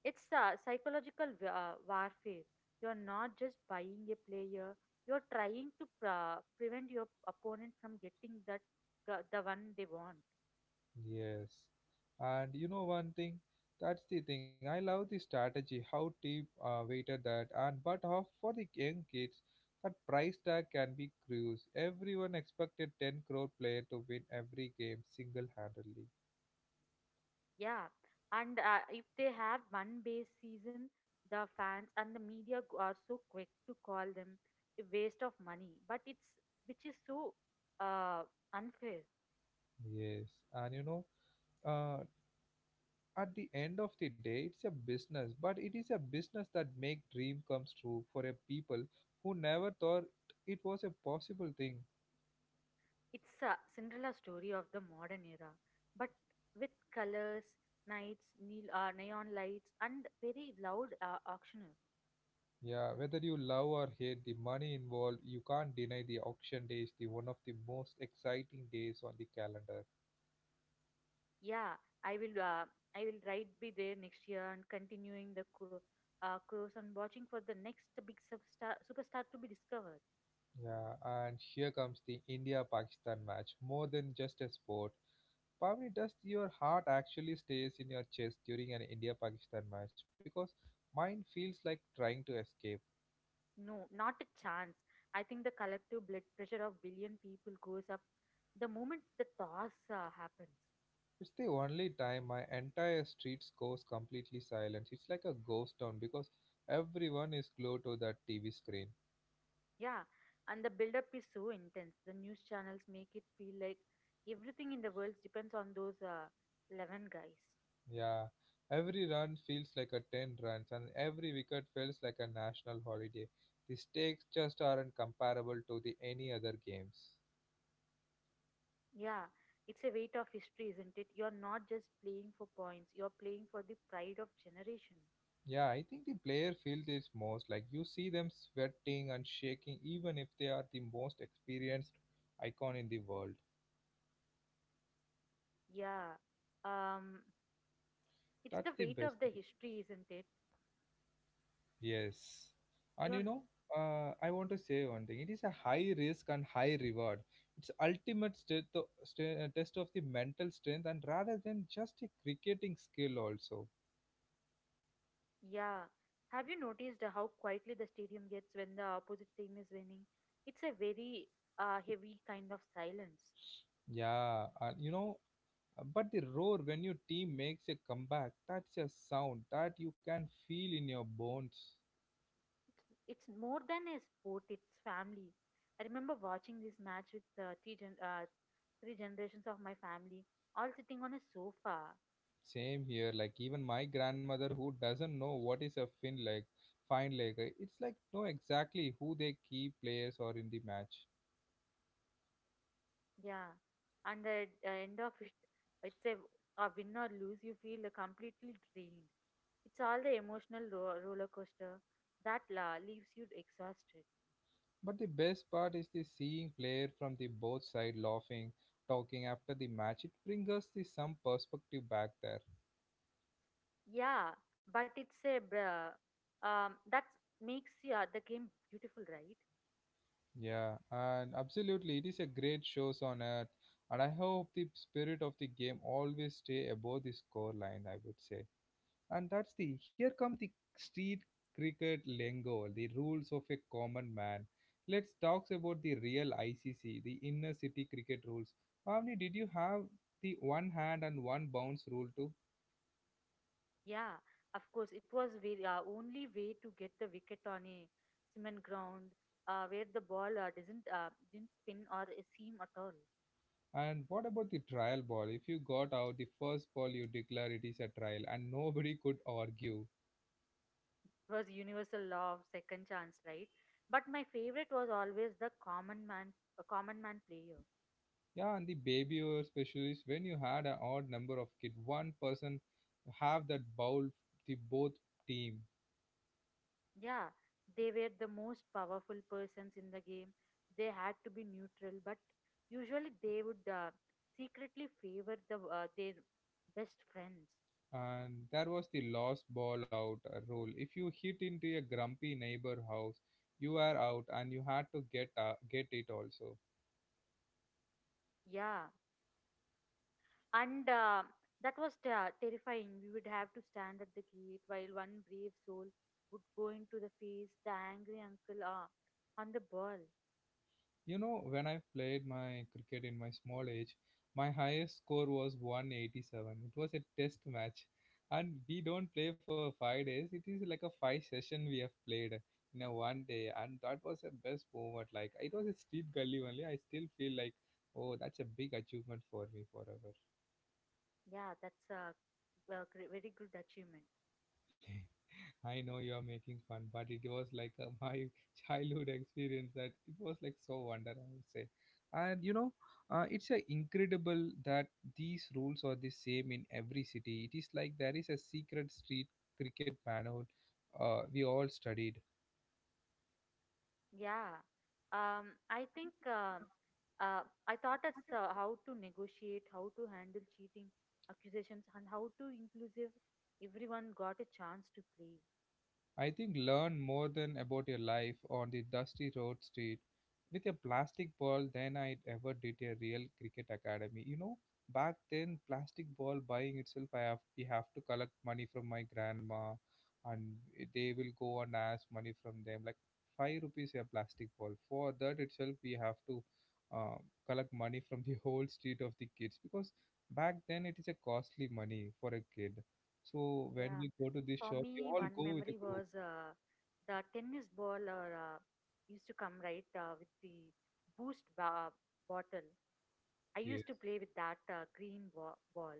It's psychological warfare. You're not just buying a player, you're trying to prevent your opponent from getting the one they want.
Yes. And you know one thing, that's the thing. I love the strategy, how deep weighted that, and but how for the young kids, that price tag can be cruise. Everyone expected 10 crore player to win every game single-handedly.
Yeah, and if they have one base season, the fans and the media are so quick to call them a waste of money. But it's which is so uh, unfair.
Yes, and you know, uh, at the end of the day, it's a business, but it is a business that make dream comes true for a people who never thought it was a possible thing.
It's a Cinderella story of the modern era, but with colors, neon lights, and very loud auctioneer.
Yeah, whether you love or hate the money involved, you can't deny the auction day is the one of the most exciting days on the calendar.
Yeah, I will. Uh, I will right be there next year and continuing the cruise and watching for the next big superstar to be discovered.
Yeah, and here comes the India-Pakistan match. More than just a sport, Pavni, does your heart actually stays in your chest during an India-Pakistan match? Because mine feels like trying to escape.
No, not a chance. I think the collective blood pressure of billion people goes up the moment the toss happens.
It's the only time my entire street goes completely silent. It's like a ghost town because everyone is glued to that TV screen.
Yeah, and the build-up is so intense. The news channels make it feel like everything in the world depends on those 11 guys.
Yeah, every run feels like a 10 runs and every wicket feels like a national holiday. The stakes just aren't comparable to the any other games.
Yeah, it's a weight of history, isn't it? You're not just playing for points, you're playing for the pride of generation.
Yeah, I think the player feels this most. Like you see them sweating and shaking even if they are the most experienced icon in the world.
Yeah, um, it's
That's
the
the
weight
best
of the
thing.
history, isn't it?
Yes. And you
You're
know, I want to say one thing. It is a high risk and high reward. It's ultimate test of the mental strength and rather than just a cricketing skill also.
Yeah. Have you noticed how quietly the stadium gets when the opposite team is winning? It's a very heavy kind of silence.
Yeah, you know, but the roar when your team makes a comeback, that's a sound that you can feel in your bones.
It's, it's more than a sport, it's family. I remember watching this match with three generations of my family, all sitting on a sofa.
Same here, like even my grandmother who doesn't know what is a fine leg, it's like know exactly who they key players are in the match.
Yeah. And the end of it, it's a, a win or lose, you feel completely drained. It's all the emotional roller coaster that leaves you exhausted.
But the best part is the seeing player from the both side laughing, talking after the match. It brings us the some perspective back there.
Yeah, but it's a that makes, yeah, the game beautiful, right?
Yeah, and absolutely, it is a great shows on earth, and I hope the spirit of the game always stay above the score line. I would say, and that's the here come the street cricket lingo, the rules of a common man. Let's talk about the real ICC, the inner city cricket rules. Avni, did you have the one hand and one bounce rule too?
Yeah, of course, it was the only way to get the wicket on a cement ground where the ball doesn't didn't spin or seam at all.
And what about the trial ball? If you got out the first ball, you declare it is a trial, and nobody could argue.
It was universal law of second chance, right? But my favorite was always a common man player.
Yeah, and the baby or specialist, when you had an odd number of kids, one person have that bowl the both team,
Yeah, they were the most powerful persons in the game. They had to be neutral, but usually they would secretly favor their best friends.
and that was the lost ball out rule. If you hit into a grumpy neighbor house, you are out, and you had to get it also.
Yeah, and that was terrifying. We would have to stand at the gate while one brave soul would go into the face the angry uncle on the ball.
You know, when I played my cricket in my small age, my highest score was 187. It was a test match. And we don't play for 5 days. It is like a five session we have played in a one day. And that was the best moment. Like, it was a street gully only. I still feel like, oh, that's a big achievement for me forever.
Yeah, that's a very good achievement.
I know you're making fun, but it was like my childhood experience that it was like so wonder, I would say. And you know, it's incredible that these rules are the same in every city. It is like there is a secret street cricket manhole we all studied.
Yeah. I think uh, I thought that's how to negotiate, how to handle cheating accusations, and how to inclusive everyone got a chance to play.
I think learn more than about your life on the dusty road street with a plastic ball than I ever did a real cricket academy. You know, back then plastic ball buying itself I have we have to collect money from my grandma, and they will go and ask money from them like 5 rupees a plastic ball. For that itself we have to uh, collect money from the whole street of the kids because back then it is a costly money for a kid. So when
Yeah.
we go to the
For
shop, we
me,
all
one
go with a
memory
group.
was the tennis ball or, used to come right with the boost ba- uh, bottle. I
Yes.
used to play with that ball.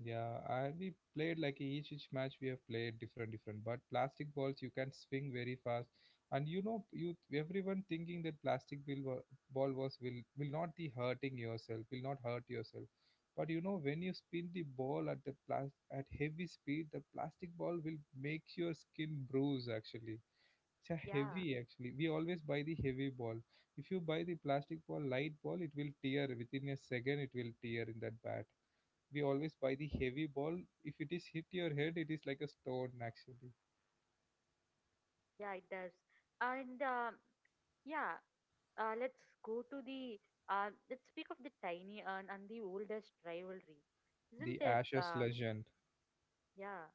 Yeah, I we played like each match we have played different, but plastic balls you can swing very fast, and you know you everyone thinking that ball was will not be hurting yourself, will not hurt yourself, but you know when you spin the ball at the plas at heavy speed, the plastic ball will make your skin bruise actually. It's a
Yeah.
heavy actually. We always buy the heavy ball. If you buy the plastic ball, light ball, it will tear within a second. It will tear in that bat We always buy the heavy ball. If it is hit your head, it is like a stone actually.
Yeah, it does. And um yeah, let's go to the let's speak of the tiny urn and the oldest rivalry, isn't
The
it?
Ashes legend.
Yeah,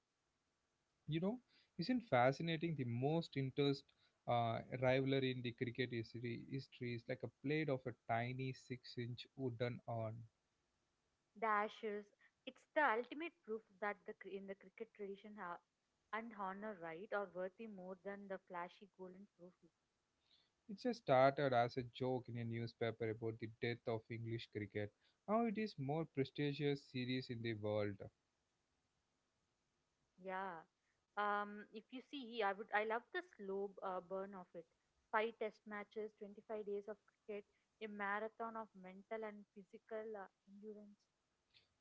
You know, isn't fascinating the most interest rivalry in the cricket history is like a blade of a tiny six-inch wooden urn.
the ashes. It's the ultimate proof that the in the cricket tradition and honor, right, are worthy more than the flashy golden trophy.
It just started as a joke in a newspaper about the death of English cricket. Now it is more prestigious series in the world.
Yeah. If you see, I love the slow burn of it. Five test matches, 25 days of cricket, a marathon of mental and physical endurance.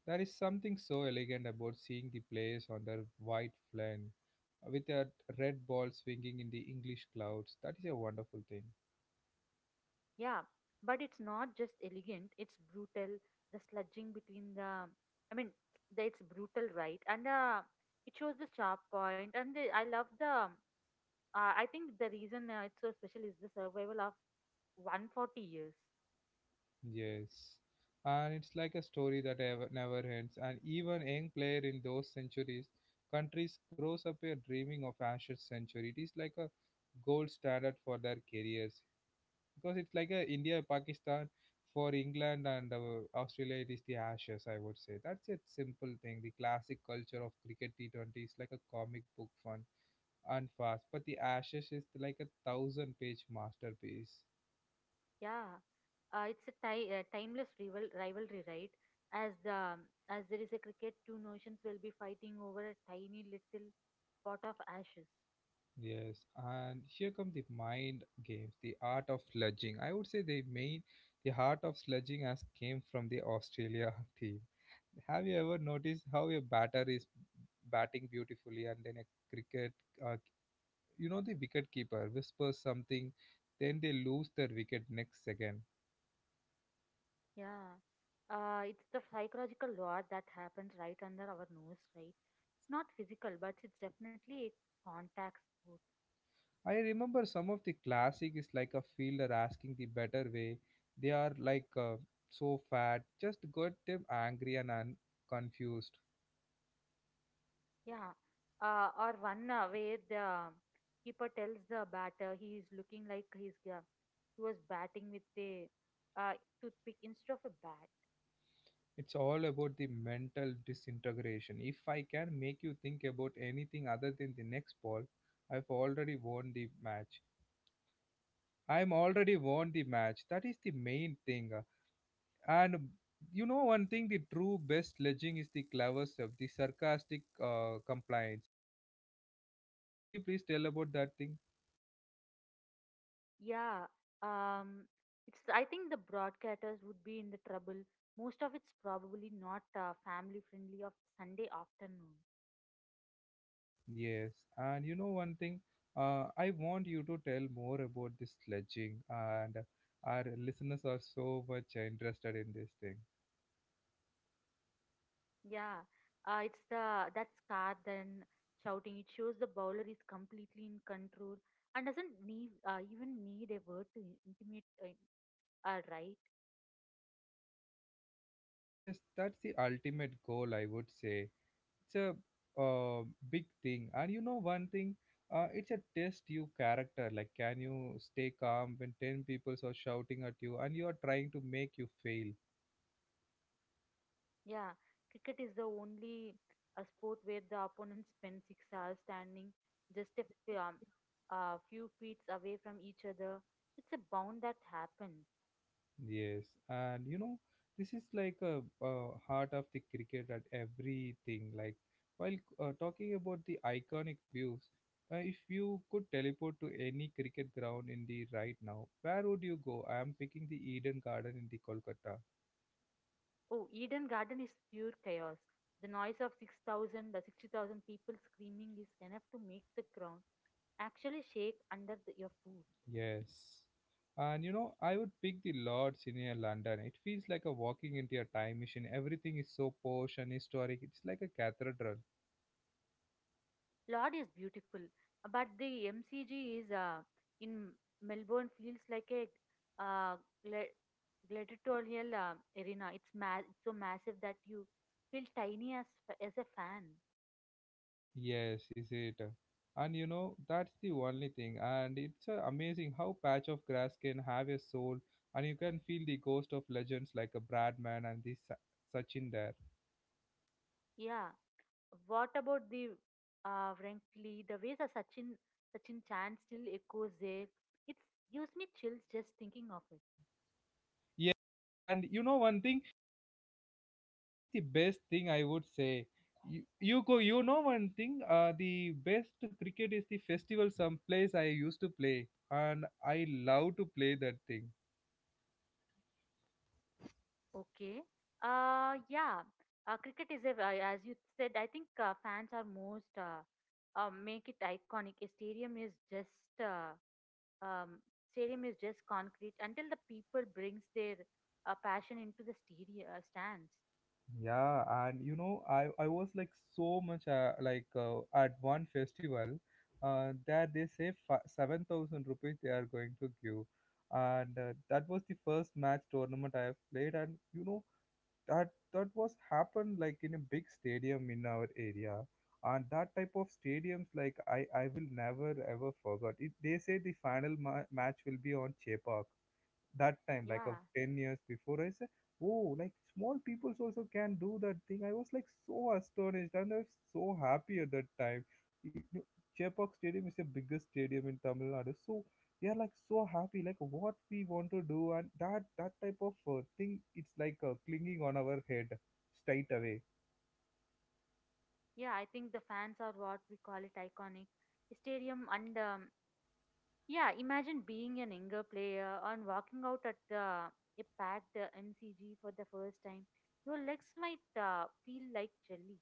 There is something so elegant about seeing the players on their white flame with a red ball swinging in the English clouds. That is a wonderful thing.
Yeah, but it's not just elegant, it's brutal. The sludging between the, I mean, the, it's brutal, right? And it shows the sharp point. And the, I love the, I think the reason it's so special is the survival of 140 years.
Yes. And it's like a story that ever, never ends. And even young player in those centuries, countries grows up here dreaming of Ashes century. It is like a gold standard for their careers. Because it's like a India Pakistan for England and Australia, it is the Ashes, I would say. That's a simple thing. The classic culture of cricket. T20 is like a comic book fun and fast, but the Ashes is like a thousand page masterpiece.
Yeah, it's a timeless rivalry, right? As the as there is a cricket, two nations will be fighting over a tiny little pot of ashes.
Yes, and here come the mind games, the art of sledging. I would say the main the heart of sledging has came from the Australia team. Have you ever noticed how a batter is batting beautifully and then a cricket uh, you know, the wicketkeeper whispers something, then they lose their wicket next second.
Yeah, it's the psychological war that happens right under our nose, right? It's not physical, but it's definitely a contact sport.
I remember some of the classic is like a fielder asking the better way. They are like so fat, just got them angry and confused.
Yeah, or one where the keeper tells the batter he is looking like he was batting with a uh, toothpick instead of a bat.
It's all about the mental disintegration. If I can make you think about anything other than the next ball, I've already won the match. I'm already won the match. That is the main thing. And you know one thing, the true best sledging is the clever stuff, the sarcastic compliance. Could you please tell about that thing?
Yeah, um, it's, I think the broadcasters would be in the trouble. Most of it's probably not family friendly of Sunday afternoon.
Yes. And you know one thing, I want you to tell more about this sledging, and our listeners are so much interested in this thing.
Yeah, it's the that scar then shouting. It shows the bowler is completely in control and doesn't need even need a word to intimate. Right?
Yes, that's the ultimate goal, I would say. It's a big thing. And you know one thing, it's a test you character, like can you stay calm when 10 people are shouting at you and you are trying to make you fail.
Yeah, cricket is the only sport where the opponents spend 6 hours standing just a few feet away from each other. It's a bound that happens.
Yes, and you know this is like a, uh, heart of the cricket at everything. Like while talking about the iconic views, if you could teleport to any cricket ground in the right now, where would you go? I am picking the Eden Garden in the Kolkata.
Oh, Eden Garden is pure chaos. The noise of 60,000 people screaming is enough to make the ground actually shake under the, your foot.
Yes. And you know, I would pick the Lords in a London. It feels like a walking into a time machine. Everything is so posh and historic. It's like a cathedral.
Lord is beautiful, but the MCG is in Melbourne feels like a uh, gla- gladiatorial arena. It's so massive that you feel tiny as as a fan.
Yes, is it? And you know, that's the only thing. And it's amazing how patch of grass can have a soul, and you can feel the ghost of legends like a Bradman and this Sachin there.
Yeah. What about the frankly the ways a Sachin chant still echoes there? It gives me chills just thinking of it.
Yeah, and you know one thing, that is the best thing I would say. You go, you know one thing. The best cricket is the festival someplace I used to play, and I love to play that thing.
Okay. Yeah. Cricket is as you said, I think fans are most make it iconic. A stadium is just uh, um, Stadium is just concrete until the people brings their passion into the stadium stands.
Yeah, and you know, I was like so much like at one festival, that they say 7,000 rupees they are going to give, and that was the first match tournament I have played, and you know that that was happened like in a big stadium in our area, and that type of stadiums like I will never ever forget it. They say the final match will be on Chepak that time like of
Yeah,
10 years before. I said, oh, like small peoples also can do that thing. I was like so astonished, and I was so happy at that time. You know, Chepak stadium is the biggest stadium in Tamil Nadu. So we are like so happy like what we want to do, and that type of thing, it's like clinging on our head straight away.
yeah. I think the fans are what we call it iconic. Stadium and Yeah, imagine being an younger player and walking out at the a packed MCG for the first time. Your legs might feel like jelly.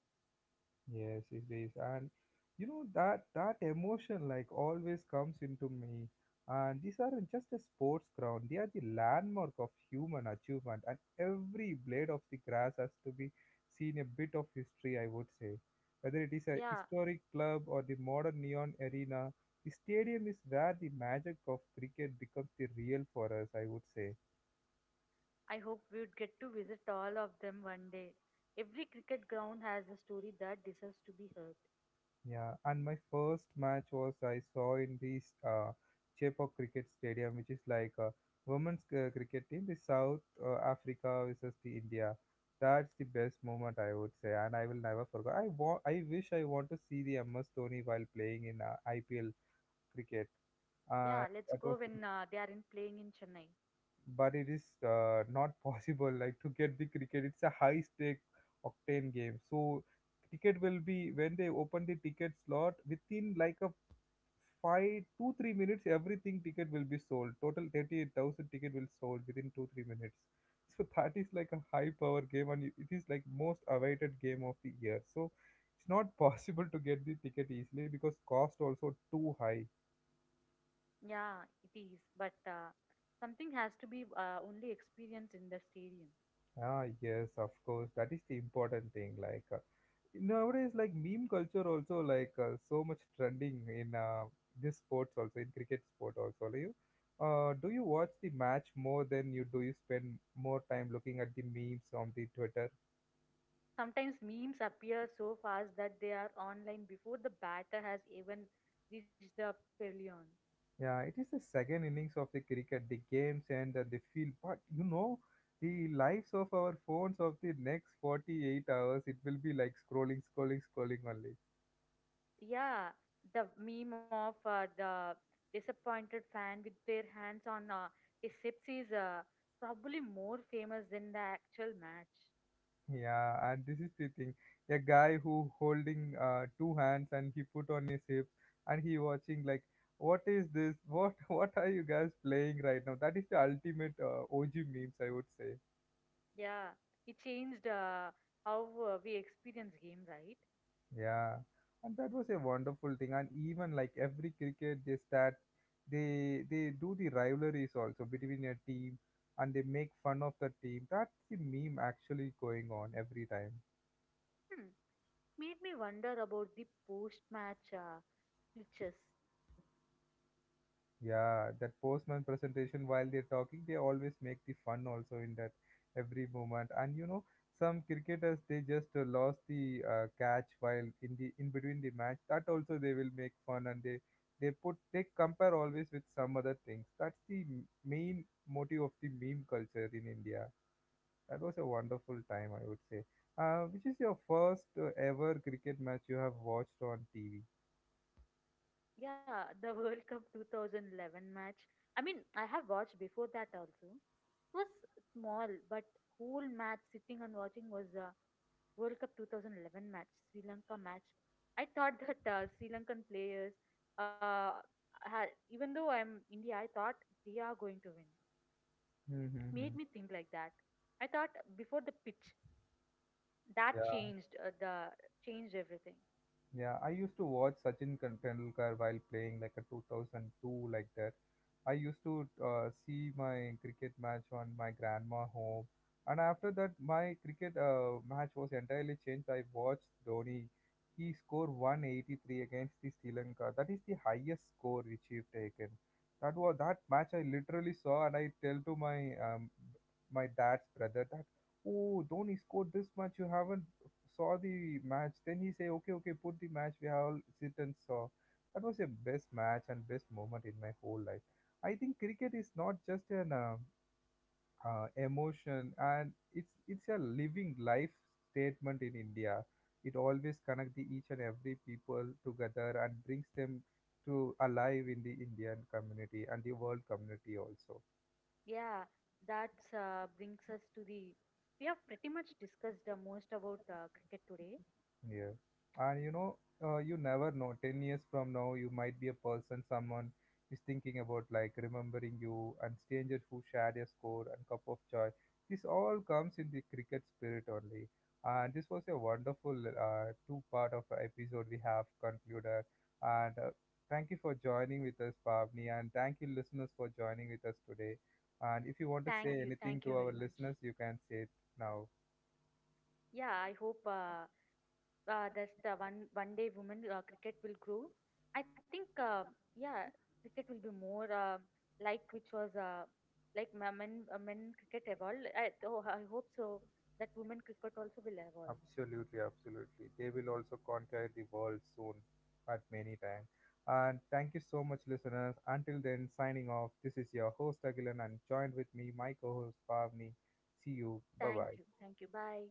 Yes, it is. And you know that that emotion like always comes into me. And these aren't just a sports ground, they are the landmark of human achievement. And every blade of the grass has to be seen a bit of history, I would say. Whether it is a
Yeah,
historic club or the modern neon arena, the stadium is where the magic of cricket becomes the real for us, I would say.
I hope we would get to visit all of them one day. Every cricket ground has a story that deserves to be heard.
Yeah, and my first match was I saw in this Chepauk Cricket Stadium, which is like a cricket team, the South Africa versus the India. That's the best moment I would say, and I will never forget. I wish I want to see the MS Dhoni while playing in IPL cricket. Uh,
Yeah, let's
that
go
was, the,
when they are in playing in Chennai.
but it is not possible. Like to get the cricket, it's a high stake octane game. So ticket will be when they open the ticket slot within like a 5 2 3 minutes, everything ticket will be sold. Total 38,000 ticket will sold within 2 3 minutes. So that is like a high power game, and it is like most awaited game of the year. So it's not possible to get the ticket easily because cost also too high.
Yeah, it is, but something has to be only experienced in the stadium.
Ah yes, of course, that is the important thing. Like nowadays like meme culture also like so much trending in this sports also, in cricket sport also. Do you watch the match more than you do you spend more time looking at the memes on the Twitter?
Sometimes memes appear so fast that they are online before the batter has even reached the pavilion.
Yeah, it is the second innings of the cricket, the games and the field. But you know, the lives of our phones of the next 48 hours, it will be like scrolling scrolling scrolling only.
Yeah, the meme of the disappointed fan with their hands on his hips is probably more famous than the actual match.
Yeah, and this is the thing. A guy who holding two hands and he put on his hip and he watching like, what is this? What what are you guys playing right now? That is the ultimate OG memes, I would say.
Yeah, it changed how we experience game, right?
Yeah, and that was a wonderful thing. And even like every cricket, they start, they do the rivalries also between a team, and they make fun of the team. That's the meme actually going on every time.
Hmm. Made me wonder about the post-match glitches.
Yeah, that postman presentation, while they're talking, they always make the fun also in that every moment. And you know, some cricketers they just lost the catch while in between the match. That also they will make fun, and they compare always with some other things. That's the main motive of the meme culture in India. That was a wonderful time, I would say. Which is your first ever cricket match you have watched on TV?
Yeah, the World Cup 2011 match. I mean, I have watched before that also. It was small, but whole match sitting and watching was the World Cup 2011 match, Sri Lanka match. I thought that Sri Lankan players, uh, had, even though I'm India, I thought they are going to win. It made
Mm-hmm.
me think like that. I thought before the pitch that
Yeah.
changed the changed everything.
Yeah, I used to watch Sachin Tendulkar while playing like a 2002 like that. I used to see my cricket match on my grandma home, and after that, my cricket match was entirely changed. I watched Dhoni. He scored 183 against the Sri Lanka. That is the highest score which he taken. That was that match I literally saw, and I tell to my my dad's brother that, oh, Dhoni scored this much. You haven't saw the match. Then he say, okay, okay, put the match. We all sit and saw. That was a best match and best moment in my whole life. I think cricket is not just an emotion, and it's a living life statement in India. It always connects the each and every people together and brings them to alive in the Indian community and the world community also.
Yeah, that brings us to the. We have pretty much discussed most about cricket today.
Yeah. And you know, you never know. 10 years from now, you might be a person someone is thinking about, like remembering you and strangers who shared a score and cup of joy. This all comes in the cricket spirit only. And this was a wonderful two part of a episode we have concluded. And thank you for joining with us, Pavni. And thank you, listeners, for joining with us today. And if you want to say anything
Thank
to
you very
our
much.
listeners, you can say it now.
Yeah, I hope that one one day women cricket will grow. I think yeah, cricket will be more like which was men cricket evolved. Oh, I hope so that women cricket also will evolve.
Absolutely, absolutely. They will also conquer the world soon at many times. And thank you so much, listeners. Until then, signing off. This is your host Agilan and joined with me, my co-host Pavni. See you. Bye
Thank
bye.
you, thank you. Bye.